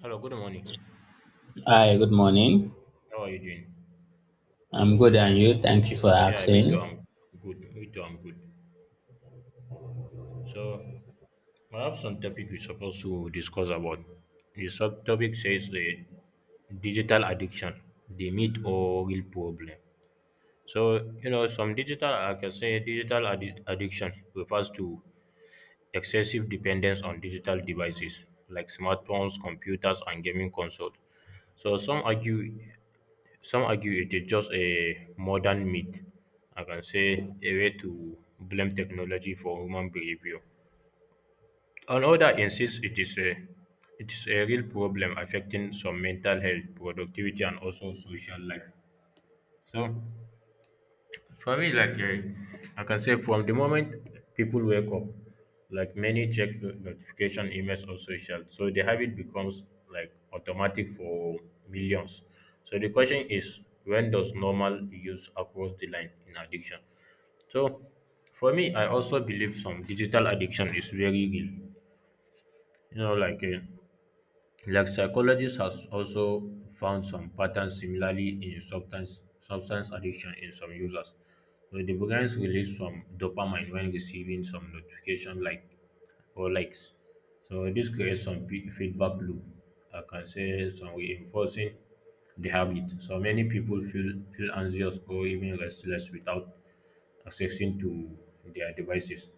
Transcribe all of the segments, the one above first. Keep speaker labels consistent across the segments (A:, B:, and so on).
A: Hello, good morning.
B: Hi, good morning.
A: How are you doing?
B: I'm good, and you? Thank you for
A: Yeah, me too.
B: asking.
A: I'm good. Me too. I'm good. So, I have some topic we're supposed to discuss about. The sub topic says the digital addiction, the myth or real problem. Some digital, I can say digital addiction refers to excessive dependence on digital devices like smartphones, computers, and gaming consoles. So some argue Some argue it is just a modern myth, I can say a way to blame technology for human behavior. Another insists it is a real problem affecting some mental health, productivity, and also social life. So for me, like I can say from the moment people wake up, like many check notification emails or social, so the habit becomes like automatic for millions. So the question is, when does normal use across the line in addiction? So for me, I also believe some digital addiction is very real. You know, like psychologists has also found some patterns similarly in substance addiction in some users. So the brains release some dopamine when receiving some notification like or likes. So this creates some feedback loop. I can say some reinforcing the habit. So many people feel anxious or even restless without accessing to their devices.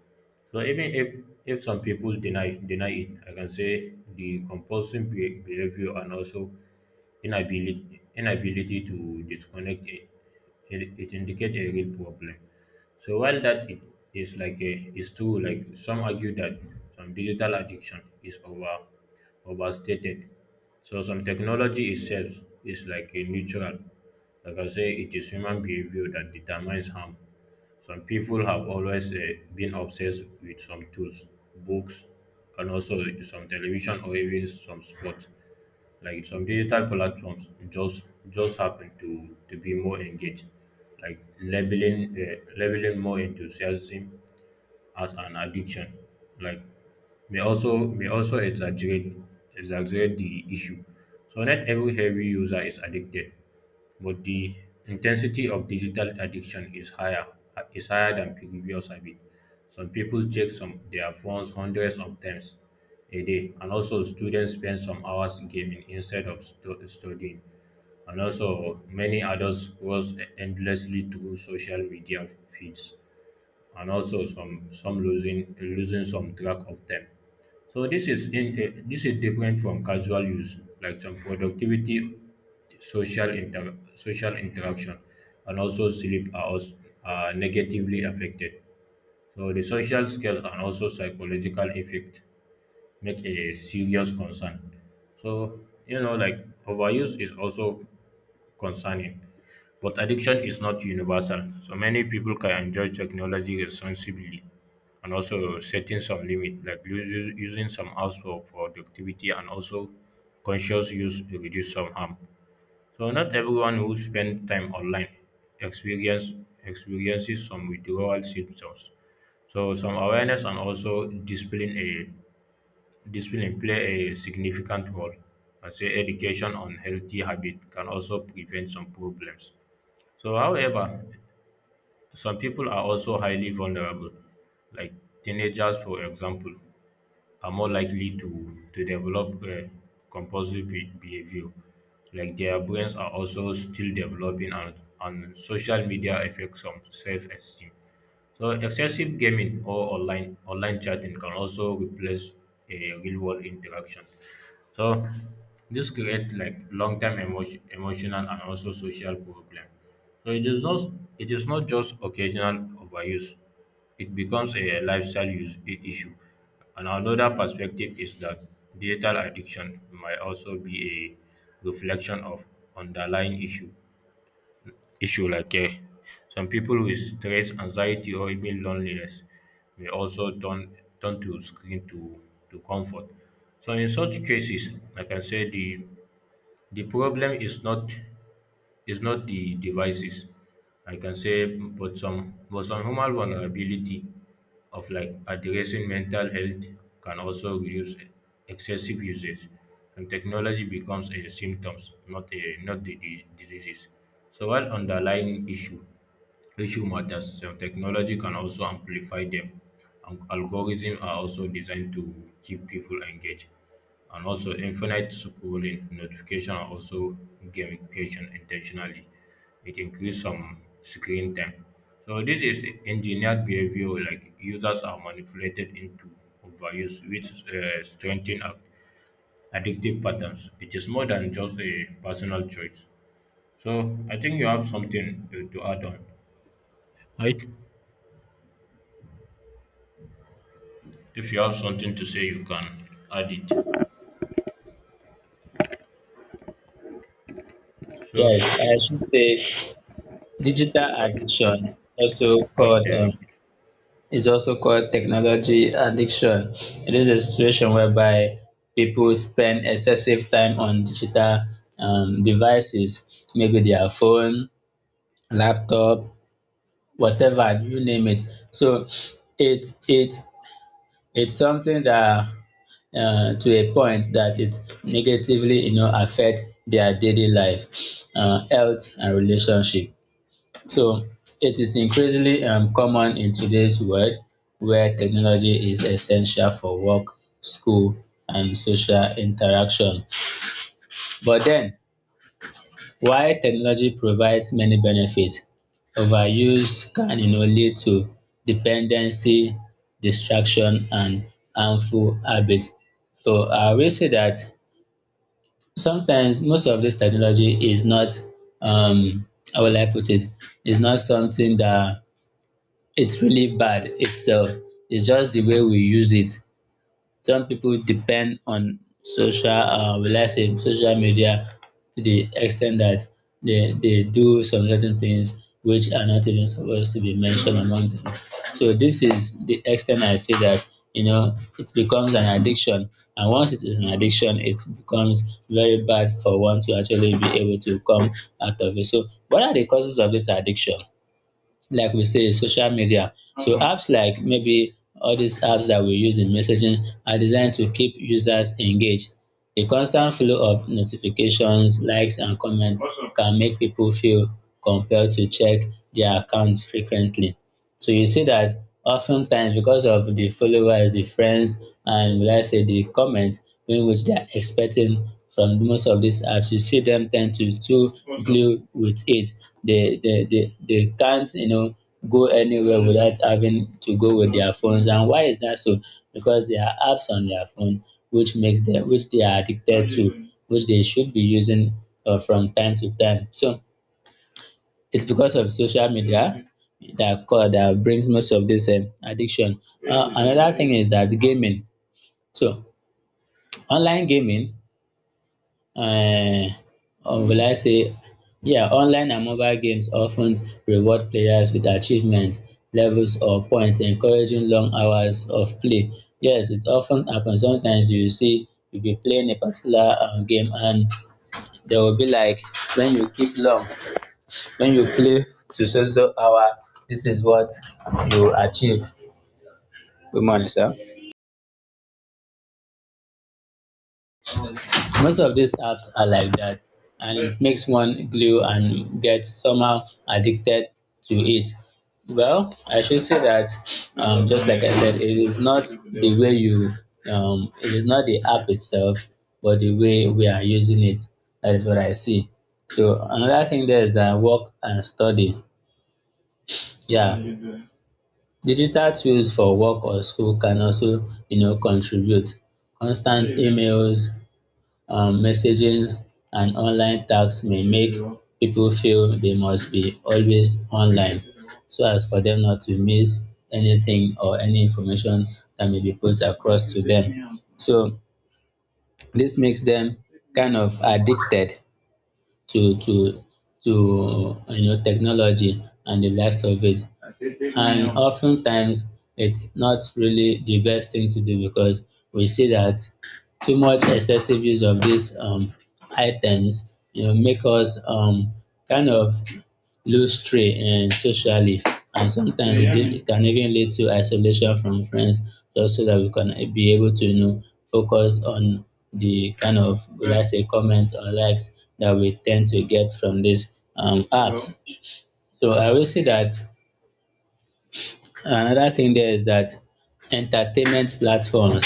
A: So even if some people deny it, I can say the compulsive behavior and also inability to disconnect it indicate a real problem. So while that it is like a is true, like some argue that some digital addiction is overstated. So some technology itself is like a neutral. Like I say, it is human behavior that determines harm. Some people have always been obsessed with some tools, books, and also some television or even some sports. Like some digital platforms just happen to be more engaged like labeling labeling more enthusiasm as an addiction like may also exaggerate the issue, so not every heavy user is addicted, but the intensity of digital addiction is higher than previous habit. Some people check some their phones hundreds of times a day, and also students spend some hours gaming instead of studying. And also, many adults scroll endlessly through social media feeds and also some losing some track of time. So this is in this is different from casual use, like some productivity, social interaction, and also sleep are, also, are negatively affected. So the social skills and also psychological effect make a serious concern. So like overuse is also concerning, but addiction is not universal, so many people can enjoy technology responsibly and also setting some limit, like using some apps for productivity and also conscious use to reduce some harm. So not everyone who spend time online experience experiences some withdrawal symptoms. So some awareness and also discipline play a significant role. I say education on healthy habit can also prevent some problems. So, however, some people are also highly vulnerable, like teenagers, for example, are more likely to develop compulsive behavior. Like their brains are also still developing, and social media affects some self esteem. So, excessive gaming or online chatting can also replace a real world interaction. So this create like long term emotional and also social problem. So it is not just occasional overuse. It becomes a lifestyle issue. And another perspective is that digital addiction might also be a reflection of underlying issue like care. Some people with stress, anxiety, or even loneliness may also turn to screen to comfort. So in such cases, like I can say the problem is not the devices, I can say, but some human vulnerability of like addressing mental health can also reduce excessive usage, and technology becomes a symptoms, not the diseases. So what underlying issue matters sef. Technology can also amplify them. And algorithms are also designed to keep people engaged. And also infinite scrolling, notification, and also gamification intentionally. It increases some screen time. So this is engineered behavior, like users are manipulated into overuse, which strengthen up addictive patterns. It is more than just a personal choice. So I think you have something to add on, right? If you have something to say, you can add it.
B: Yes,
A: So,
B: I should say digital
A: okay,
B: addiction, also
A: okay,
B: called,
A: okay.
B: um, is also called technology addiction. It is a situation whereby people spend excessive time on digital devices, maybe their phone, laptop, whatever, you name it. So it it's something that to a point that it negatively, you know, affect their daily life, health and relationship. So it is increasingly common in today's world where technology is essential for work, school, and social interaction. But then, while technology provides many benefits, overuse can, you know, lead to dependency, distraction, and harmful habits. So I will say that sometimes most of this technology is not, um how will I put, it's not something that it's really bad itself. It's just the way we use it. Some people depend on social, will I say, social media to the extent that they do some certain things which are not even supposed to be mentioned among them. So this is the extent I t I say dat, you know, it becomes an addiction, and once it is an addiction it becomes very bad for one to actually be able to come out of it. So what are the causes of this addiction? Like we say, social media. So apps like, maybe, all these apps that we use in messaging are designed to keep users engaged. The constant flow of notifications, likes, and comments can make people feel compelled to check their accounts frequently. So you see that oftentimes, because of the followers, the friends, and will I say the comments in which they are expecting from most of these apps, you see them tend to too glue with it. They can't, you know, go anywhere without having to go with their phones. And why is that so? Because there are apps on their phone which makes them, which they are addicted to, which they should be using from time to time. So it's because of social media that cau that brings most of this addiction. Another thing is that, gaming. So online gaming, um or will I say, yeah, online and mobile games often reward players with achievements, levels, or points, encouraging long hours of play. Yes, it often happens sometimes you see you be playing a particular game, and there will be like, when you keep long, when you play to so so hour, this is what you achieve. Good morning, sir. Most of these apps are like that, and it makes one glue and get somehow addicted to it. Well, I should say that, just like I said, it is not the way you, it is not the app itself, but the way we are using it. That is what I see. So another thing there is that, work and study. Yeah, digital tools for work or school can also, you know, contribute. Constant emails, messages, and online tasks may make people feel they must be always online, so as for them not to miss anything or any information that may be put across to them. So this makes them kind of addicted to to to, you know, technology and the likes of it. And oftentimes it's not really the best thing to do, because we see that too much excessive use of these items, you know, make us, kind of lose trail socially, and sometimes it, yeah, it can even lead to isolation from friends, just so that we can be able to, you know, focus on the kind of, will I, right, say, comments or likes that we tend to get from these apps. Well, so I will say that another thing there is that entertainment platforms,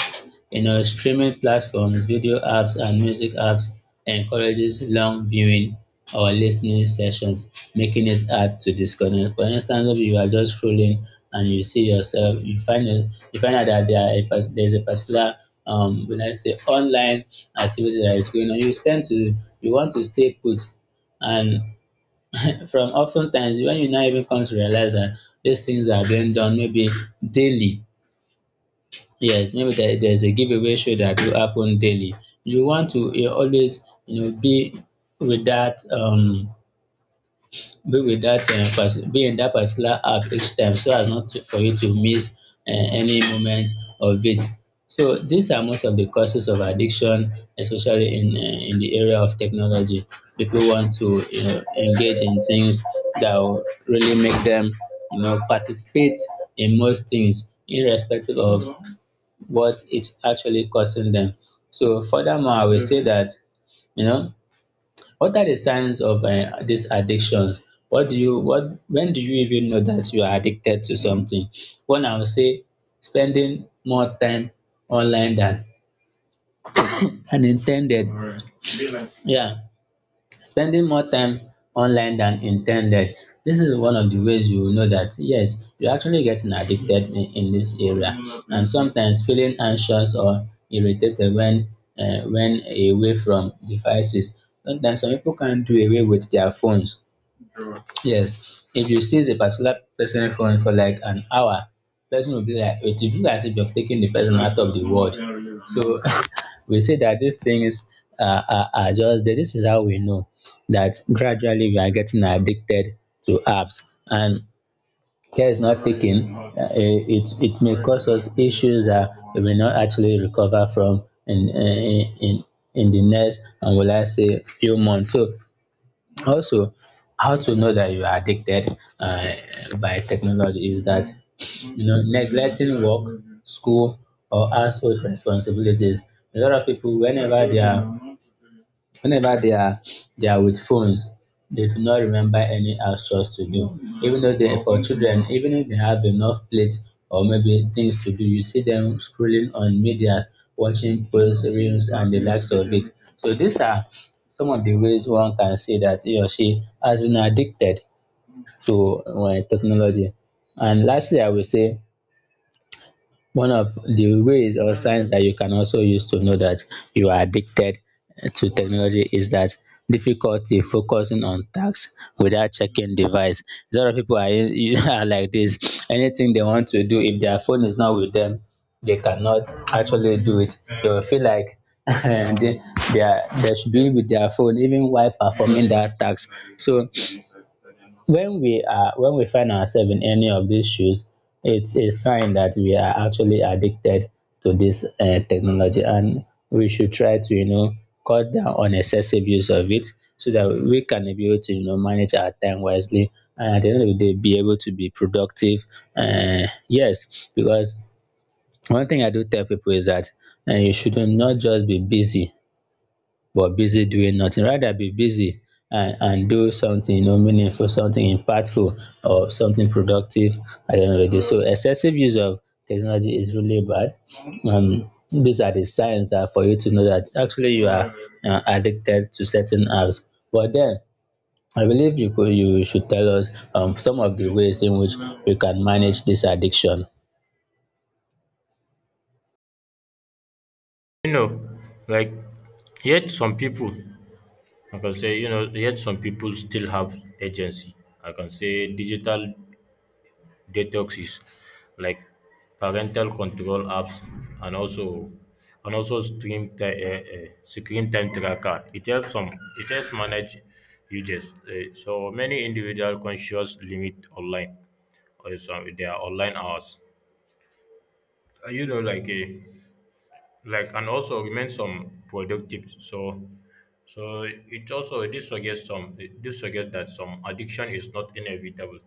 B: you know, streaming platforms, video apps, and music apps, encourages long viewing or listening sessions, making it hard to disconnect. For instance, if you are just scrolling and you see yourself, you find it, you find out that there are a, there's a particular, when I say online activity that is going on, you tend to, you want to stay put, and from often times when you now even come to realize that these things are being done, maybe daily. Yes, maybe there's a giveaway show that will happen daily. You want to, you always, you know, be with that be with that, um, be in that particular app each time, so as not to, for you to miss any moment of it. So these are most of the causes of addiction, especially in, in the area of technology. People want to, you know, engage in things that will really make them, you know, participate in most things, irrespective of what it's actually causing them. So furthermore, I will say that, you know, what are the signs of these addictions? What do you, what, when do you even know that you are addicted to something? One, I would say, spending more time online than unintended. Yeah, spending more time online than intended. This is one of the ways you will know that yes, you're actually getting addicted in this area, and sometimes feeling anxious or irritated when, when away from devices. Sometimes some people can't do away with their phones. Yes, if you see a particular person phone for like an hour, person will be like, it will be as if you've taken the person out of the world. So we say that these things are just there. This is how we know that gradually we are getting addicted to apps, and care is not taken. It, it may cause us issues that we may not actually recover from in the next, and will I say, few months. So also, how to know that you are addicted by technology, is that, you know, neglecting work, school, or household responsibilities. A lot of people, whenever they are, whenever they are they are with phones, they do not remember any house chores to do, even though they, for children, even if they have enough plates or maybe things to do, you see them scrolling on media, watching posts, reels, and the likes of it. So these are some of the ways one can say that he or she has been addicted to technology. And lastly, I will say one of the ways or signs that you can also use to know that you are addicted to technology, is that difficulty focusing on tasks without checking device. A lot of people are, are like this. Anything they want to do, if their phone is not with them, they cannot actually do it. They will feel like they, they, are, they should be with their phone even while performing that task. So when we are, when we find ourselves in any of these shoes, it's a sign that we are actually addicted to this, technology, and we should try to, you know, cut down on excessive use of it, so that we can be able to, you know, manage our time wisely, and at the end of the day be able to be productive. Yes, because one thing I do tell people is that, you should not just be busy, but busy doing nothing. Rather be busy and do something, you know, meaningful, something impactful, or something productive at the end of the day. So excessive use of technology is really bad. These are the signs that for you to know that actually you are addicted to certain apps. But then, I believe you could, you should tell us some of the ways in which we can manage this addiction.
A: You know, like, yet some people, yet some people still have agency. I can say digital detoxes, like parental control apps, and also and also screen time tracker. It helps some. It helps manage users. So many individual conscious limit online or some their online hours, you know like a like and also remain some productive. So it also this suggests that some addiction is not inevitable,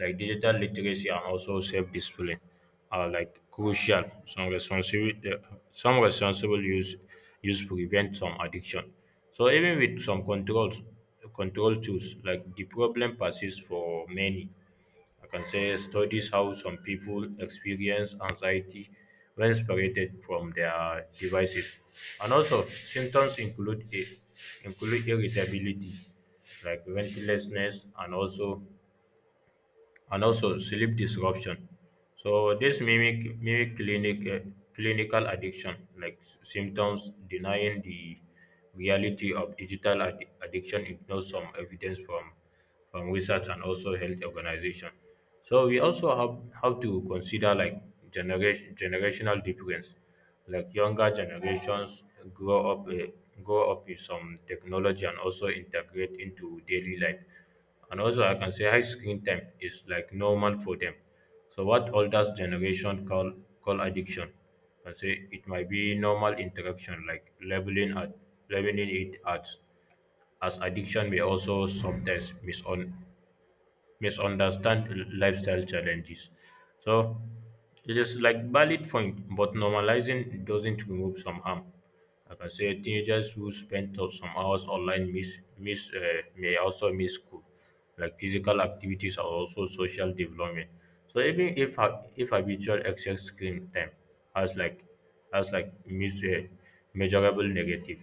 A: like digital literacy and also self-discipline are like crucial some responsible use prevent some addiction. So even with some control tools, like the problem persists for many. I can say studies how some people experience anxiety when separated from their devices. And also, symptoms include irritability, like restlessness, and also sleep disruption. So this mimic mimic clinic clinical addiction, like symptoms denying the reality of digital addiction ignores some evidence from research and also health organization. So we also have to consider like generational difference, like younger generations grow up uh, grow up with some technology and also integrate into daily life. And also I can say high screen time is like normal for them. So what older generation call addiction, and say, it might be normal interaction, like labeling it as addiction, may also sometimes misunderstand lifestyle challenges. So it is like valid point, but normalizing doesn't remove some harm. Like I can say teenagers who some hours online miss miss may also miss school, like physical activities or also social development. So even if if habitual excess screen time has like has like mis- uh, measurable negative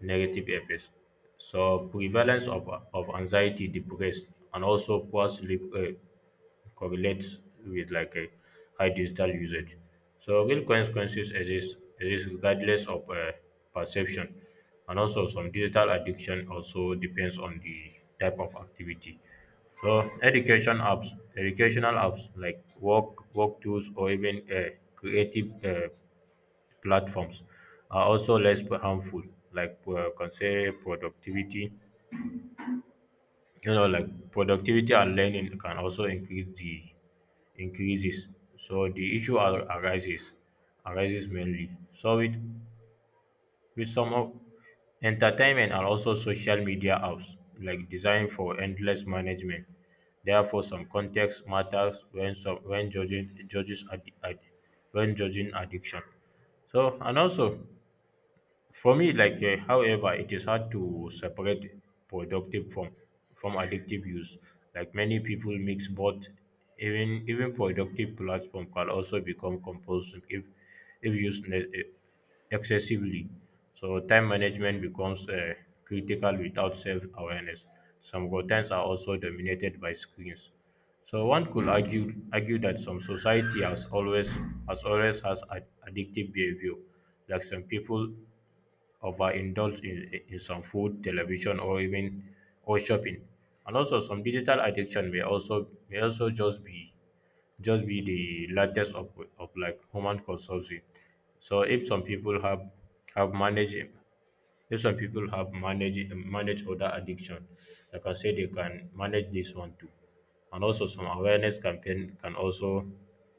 A: negative effects. So prevalence of anxiety, depressed, and also poor sleep correlates with like a high digital usage. So real consequences exist regardless of perception, and also some digital addiction also depends on the type of activity. So educational apps like work tools or even creative platforms are also less harmful. Like can say productivity, you know, like productivity and learning can also increases. So the issue arises mainly. So with some of entertainment and also social media apps like designed for endless management. Therefore, some context matters when judging judges ad, ad, when judging addiction. So and also for me, like, however, it is hard to separate productive from addictive use. Like many people mix both. Even productive platform can also become compulsive if if used ne- eh, excessively. So time management becomes critical without self awareness. Some contents are also dominated by screens. So one could argue that some society has always has addictive behavior. Like some people overindulge in some food, television, or even or shopping. And also, some digital addiction may also just be the latest of like human consumption. So if some people have managed if some people have managed other addiction, like I say, they can manage this one too. And also, some awareness campaign can also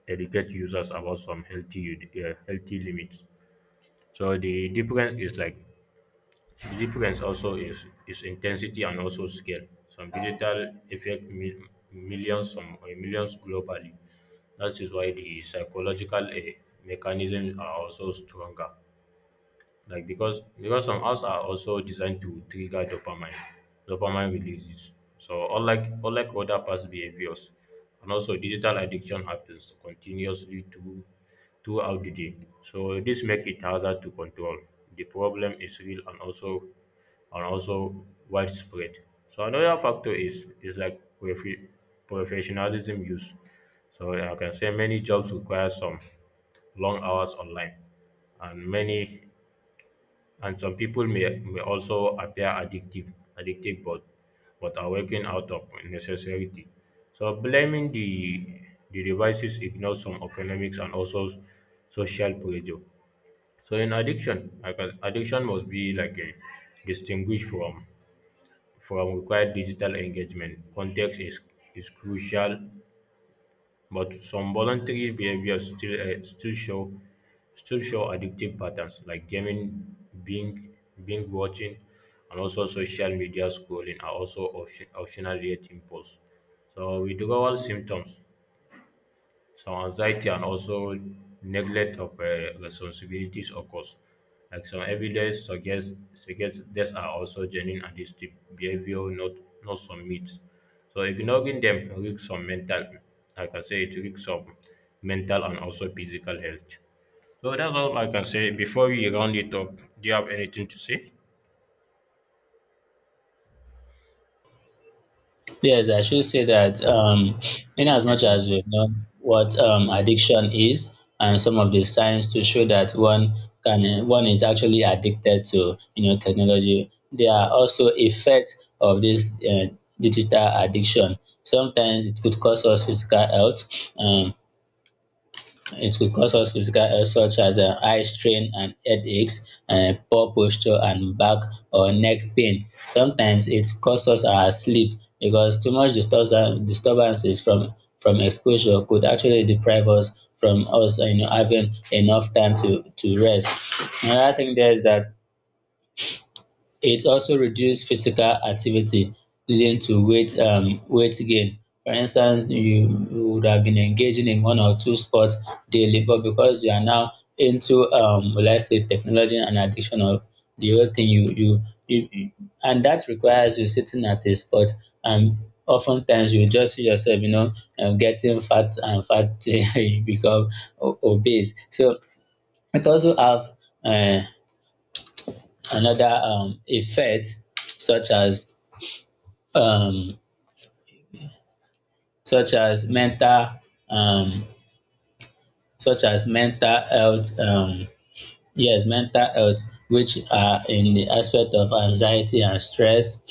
A: educate users about some healthy limits. So the difference is like the difference also is intensity and also scale. Some digital affect millions, some millions globally. That is why the psychological mechanisms are also stronger, like because some apps are also designed to trigger dopamine releases. So unlike other past behaviors, and also digital addiction happens continuously throughout the day. So this makes it harder to control. The problem is real and also and also widespread. So another factor is like professionalism use. So I can say many jobs require some long hours online, and many and some people may also appear addictive, but are working out of necessity. So blaming the devices ignores some economics and also social pressure. So in addiction, like, addiction must be like a distinguished from required digital engagement. Context is crucial, but some voluntary behaviors still show addictive patterns, like gaming, being being watching, and also social media scrolling are also optional yet impulse. So withdrawal symptoms some anxiety and also neglect of responsibilities occurs. Like some evidence suggests these are also genuine addictive behavior, not some myths. So ignoring them risks some mental, like I say, it risks some mental and also physical health. So that's all like I can say. Before we round it up, do you have anything to say?
B: Yes, I should say that, in as
A: Okay,
B: much as
A: okay.
B: we've known what addiction is and some of the signs to show that one can, one is actually addicted to, you know, technology, there are also effects of this digital addiction. Sometimes it could cause us physical health. Um, it could cause us physical health, such as eye strain and headaches, poor posture and back or neck pain. Sometimes it cause us our sleep, because too much disturbances from exposure could actually deprive us from us, you know, having enough time to rest. Another thing there is that it also reduces physical activity, leading to weight, weight gain. For instance, you would have been engaging in one or two sports daily, but because you are now into, will I say, technology and addiction of the whole thing, you and that requires you sitting at a spot, and oftentimes you just see yourself, you know, getting fat and fat till you become obese. So it also have uh another effect such as um, mental um, such as mental health, yes, mental health, which are in the aspect of anxiety and stress,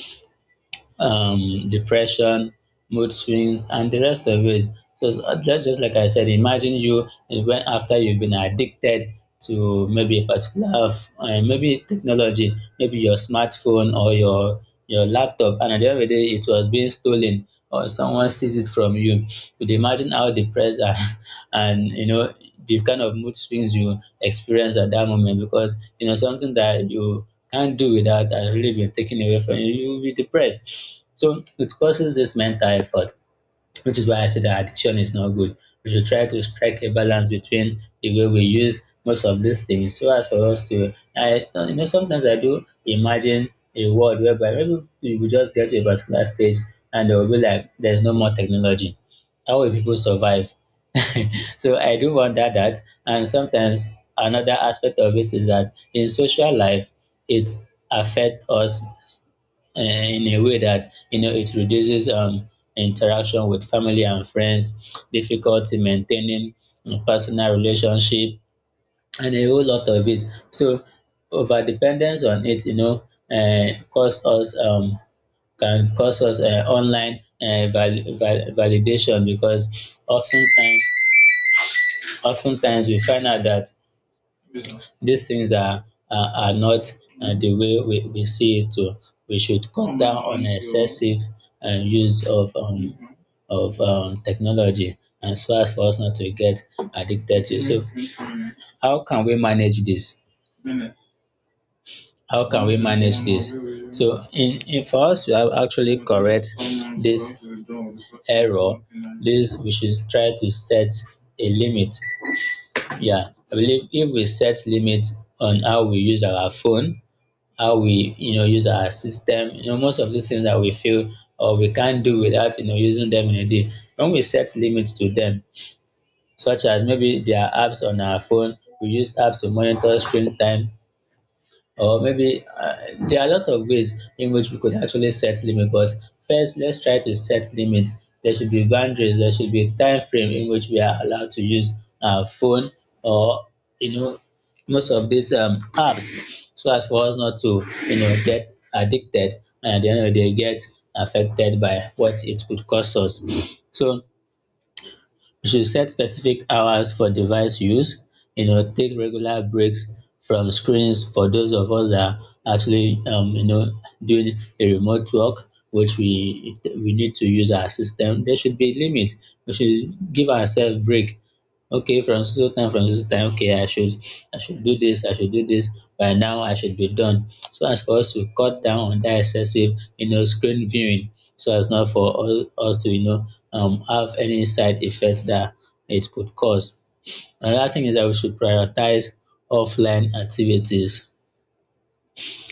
B: depression, mood swings, and the rest of it. That's just like I said, imagine you, when after you've been addicted to maybe a particular, maybe technology, maybe your smartphone or your laptop, and at the end of the day, it was being stolen or someone sees it from you. Could you imagine how depressed and, and the kind of mood swings you experience at that moment? Because you know something that you can't do without has really been taken away from you, you'll be depressed. So it causes this mental effort, which is why I said that addiction is not good. We should try to strike a balance between the way we use most of these things so as for us to I no, you know, sometimes I do imagine a world whereby maybe we will just get to a particular stage and they will be like there's no more technology. How will people survive? So I do wonder that. And sometimes another aspect of this is that in social life it affects us, in a way that, you know, it reduces, interaction with family and friends, difficulty maintaining personal relationship, and a whole lot of it. So over dependence on it, you know, cause us can cause us online validation, because oftentimes we find out that these things are not the way we see it. Oh. We should cut down on excessive use of technology and so as for us not to get addicted to it. So how can we manage this? How can we manage this? So in for us to have actually correct this error, this we should try to set a limit. Yeah, I believe if we set limit on how we use our phone, how we, you know, use our system, you know, most of these things that we feel or we can't do without, you know, using them in a day, when we set limits to them, such as maybe there are apps on our phone, we use apps to monitor screen time, or maybe, there are a lot of ways in which we could actually set limit. But first let's try to set limit. There should be boundaries, there should be a time frame in which we are allowed to use our phone or, you know, most of these apps, so as for us not to, you know, get addicted and at the end of the day get affected by what it could cause us. So you should set specific hours for device use. You know, take regular breaks from screens for those of us that are actually, you know, doing a remote work, which we need to use our system. There should be a limit. We should give ourselves break. Okay, from so time, okay, I should do this, I should do this. By now I should be done. So as for us to cut down on that excessive, you know, screen viewing, so as not for all us to, you know, um, have any side effect that it could cause. Another thing is that we should prioritize offline activities.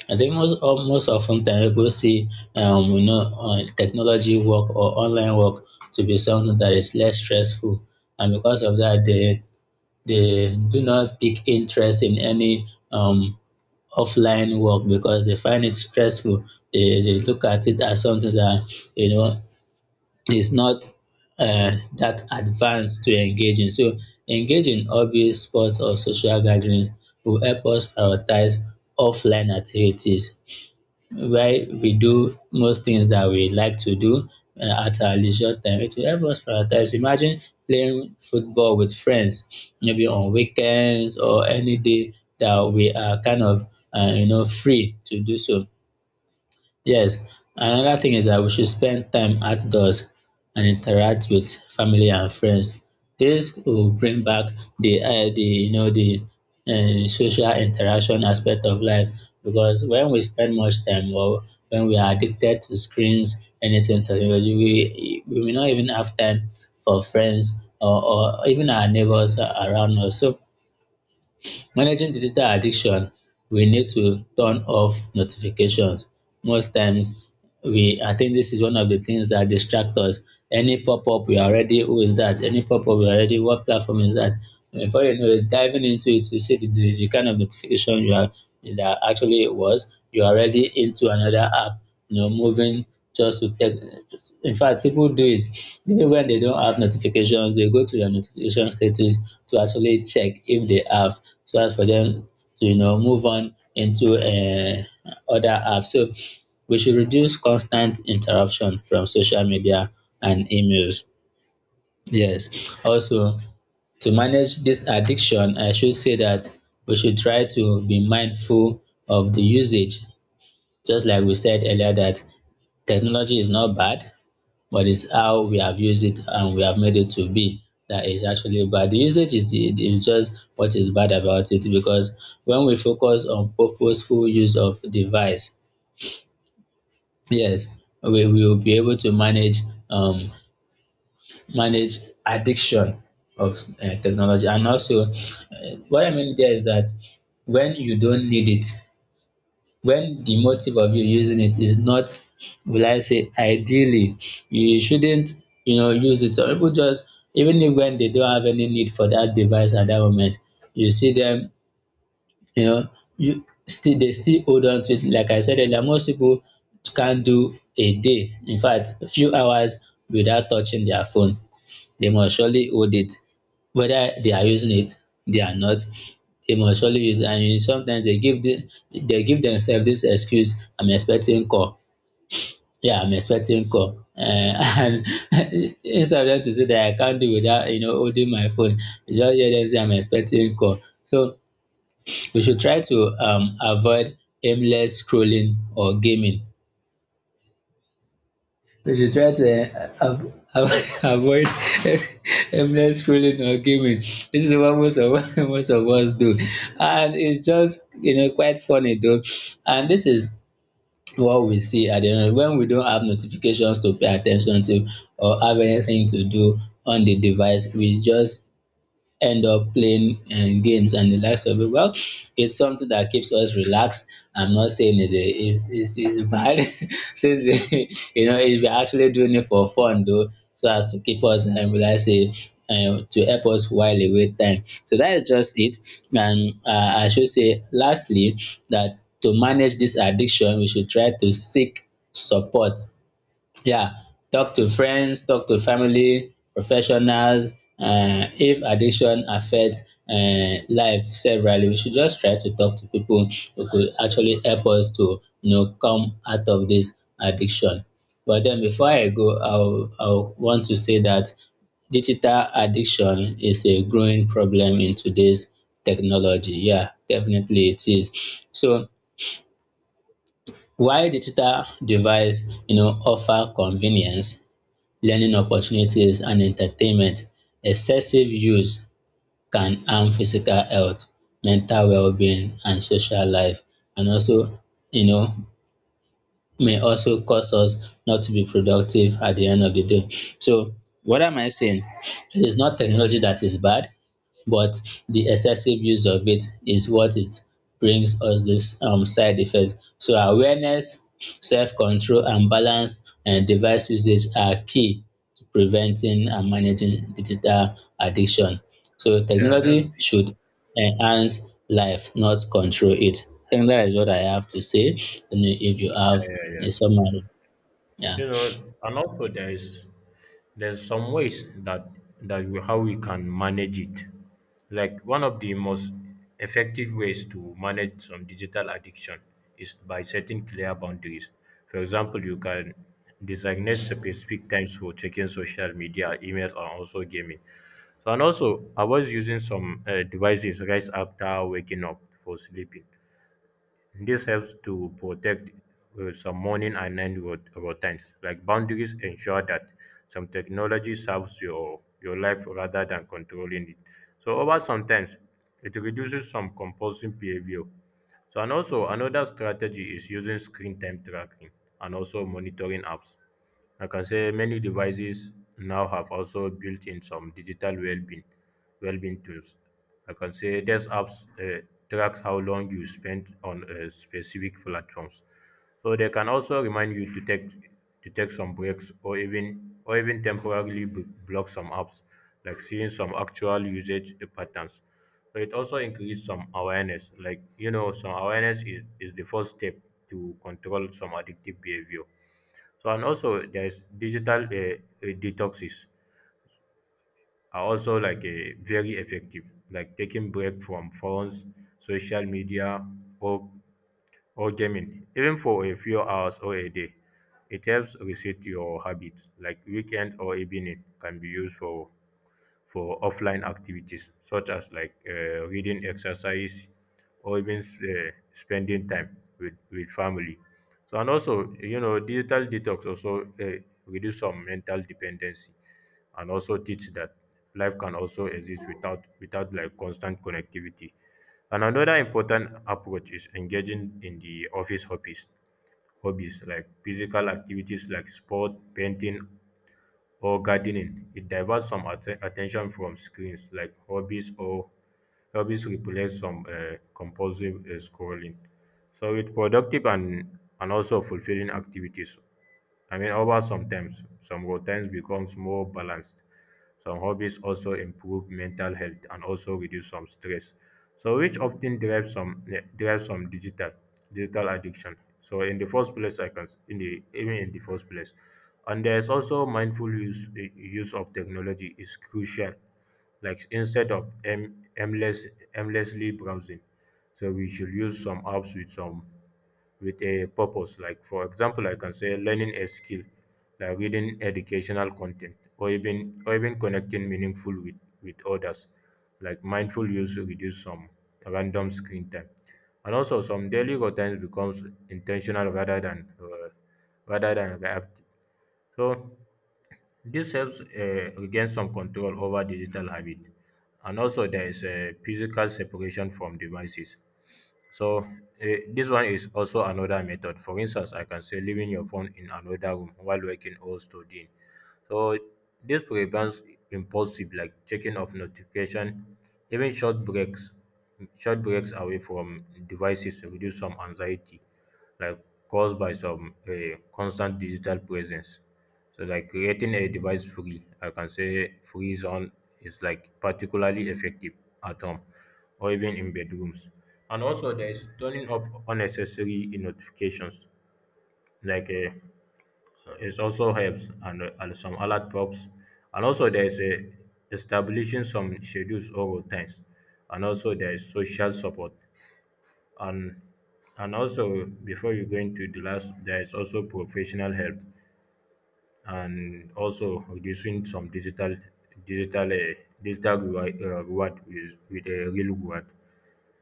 B: I think most often time people see, technology work or online work, to be something that is less stressful, and because of that they do not take interest in any offline work because they find it stressful. They look at it as something that, you know, is not that advanced to engage in. So engaging in hobbies, sports, or social gatherings will help us prioritize offline activities, where we do most things that we like to do at our leisure time. It will help us prioritize. Imagine playing football with friends, maybe on weekends or any day that we are kind of, you know, free to do so. Yes, another thing is that we should spend time outdoors and interact with family and friends. This will bring back the you know the social interaction aspect of life, because when we spend much time or when we are addicted to screens, anything technology, we may not even have time for friends or, or even our neighbors around us. So managing digital addiction, we need to turn off notifications. Most times, we I think this is one of the things that distract us. Any pop up, we are already, who is that? Any pop up, we are already, what platform is that? Before you know it, diving into it, you see the kind of notification you are that actually it was. You are already into another app, you know, moving just to text. In fact, people do it even when they don't have notifications, they go to their notification status to actually check if they have, so as for them to, you know, move on into, other apps. So we should reduce constant interruption from social media and emails. Yes, also, to manage this addiction, I should say that we should try to be mindful of the usage. Just like we said earlier, that technology is not bad, but it's how we have used it and we have made it to be that is actually bad. The usage is just what is bad about it, because when we focus on purposeful use of device, yes, we will be able to manage, um manage addiction of, technology. And also, what I mean there is that when you don't need it, when the motive of you using it is not, will I say, ideally, you shouldn't, you know, use it. Some people just, even if when they don't have any need for that device at that moment, you see them, you know, you still they still hold on to it. Like I said earlier, most people can do a day, in fact a few hours, without touching their phone. They must surely hold it, whether they are using it they are not, they must surely use it. And sometimes they give they give themselves this excuse, I'm expecting call. Yeah, I'm expecting call, and instead of them to say that I can't do without, you know, holding my phone, you just hear them say I'm expecting call. So we should try to, um, avoid aimless scrolling or gaming. We should try to avoid aimless scrolling or gaming. This is what most of most of us do, and it's just, you know, quite funny though. And this is what we see at the end when we don't have notifications to pay attention to or have anything to do on the device. We just end up playing games and the likes of it. Well, it's something that keeps us relaxed. I'm not saying it's a it's, it's bad since we, you know, if we're actually doing it for fun though, so as to keep us and will I say, to help us while away time. So that is just it. And I should say lastly that to manage this addiction, we should try to seek support. Yeah, talk to friends, talk to family, professionals. If addiction affects life severally, we should just try to talk to people who could actually help us to, you know, come out of this addiction. But then before I go, I'll want to say that digital addiction is a growing problem in today's technology. Yeah, definitely it is. So while digital device, you know, offer convenience, learning opportunities and entertainment, excessive use can harm physical health, mental well-being, and social life, and also, you know, may also cause us not to be productive at the end of the day. So what am I saying? It is not technology that is bad, but the excessive use of it is what it brings us this, side effect. So awareness, self-control and balance and device usage are key preventing and managing digital addiction. So
A: Yeah, that's
B: technology
A: it.
B: should enhance life, not control it. I think that is what I have to say. And if you have a summary, yeah.
A: You know, and also there's some ways that we, how we can manage it. Like one of the most effective ways to manage some digital addiction is by setting clear boundaries. For example, you can designate specific times for checking social media, emails, and also gaming. So, and also, I was using some devices right after waking up for sleeping. This helps to protect some morning and night routines. Like boundaries ensure that some technology serves your life rather than controlling it. So over sometimes it reduces some compulsive behavior. So and also another strategy is using screen time tracking and also monitoring apps. I can say many devices now have also built in some digital well-being tools. I can say these apps uh, tracks how long you spent on specific platforms, so they can also remind you to take some breaks or even temporarily block some apps, like seeing some actual usage patterns. So it also increases some awareness, like you know, some awareness is the first step to control some addictive behavior. So and also there's digital detoxes are also like very effective, like taking break from phones, social media, or or gaming, even for a few hours or a day. It helps reset your habits, like weekend or evening can be used for offline activities such as like reading, exercise, or even spending time with family. So and also you know digital detox also reduce some mental dependency and also teach that life can also exist without like constant connectivity. And another important approach is engaging in the office hobbies like physical activities like sport, painting, or gardening. It diverts some attention from screens like hobbies replace some compulsive scrolling. So it's productive and also fulfilling activities. I mean, over sometimes some routines becomes more balanced. Some hobbies also improve mental health and also reduce some stress. So which often drives some digital addiction. So in the first place, I can in the even in the first place, and there's also mindful use of technology is crucial. Like instead of aimlessly browsing, so we should use some apps with a purpose. Like, for example, I can say learning a skill, like reading educational content, or even connecting meaningful with others. Like mindful use reduce some random screen time, and also some daily routines becomes intentional rather than reactive. So this helps regain some control over digital habit, and also there is a physical separation from devices. So this one is also another method. For instance, I can say leaving your phone in another room while working or studying. So this prevents impulsive like checking of notification, even short breaks. Short breaks away from devices reduce some anxiety, like caused by some constant digital presence. So like creating a device free, I can say free zone is like particularly effective at home or even in bedrooms. And also there is turning off unnecessary notifications like it also helps and some alert pops. And also there is a establishing some schedules or times. And also there is social support. And and also before you go into the last there is also professional help and also reducing some digital uh, digital reward, reward with a real reward,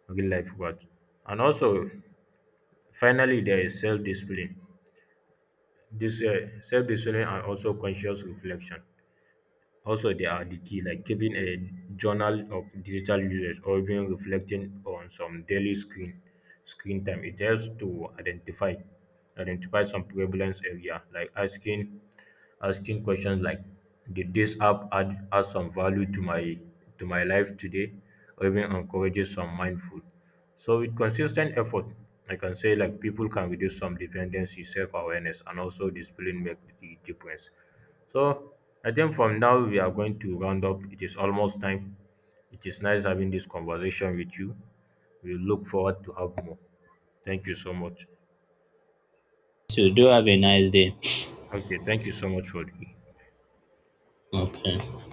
A: real life reward. And also finally there is self discipline. This self discipline and also conscious reflection also, they are the key, like keeping a journal of digital usage or even reflecting on some daily screen time. It helps to identify some prevalence area, like asking questions like, did this app add some value to my life today, or even encourages some mindful. So with consistent effort, I can say like people can reduce some dependency, self-awareness, and also discipline make the difference. So I think from now we are going to round up. It is almost time. It is nice having this conversation with you. We look forward to have more. Thank you so much.
B: So do have a nice day.
A: Okay, thank you so much for the
B: Okay.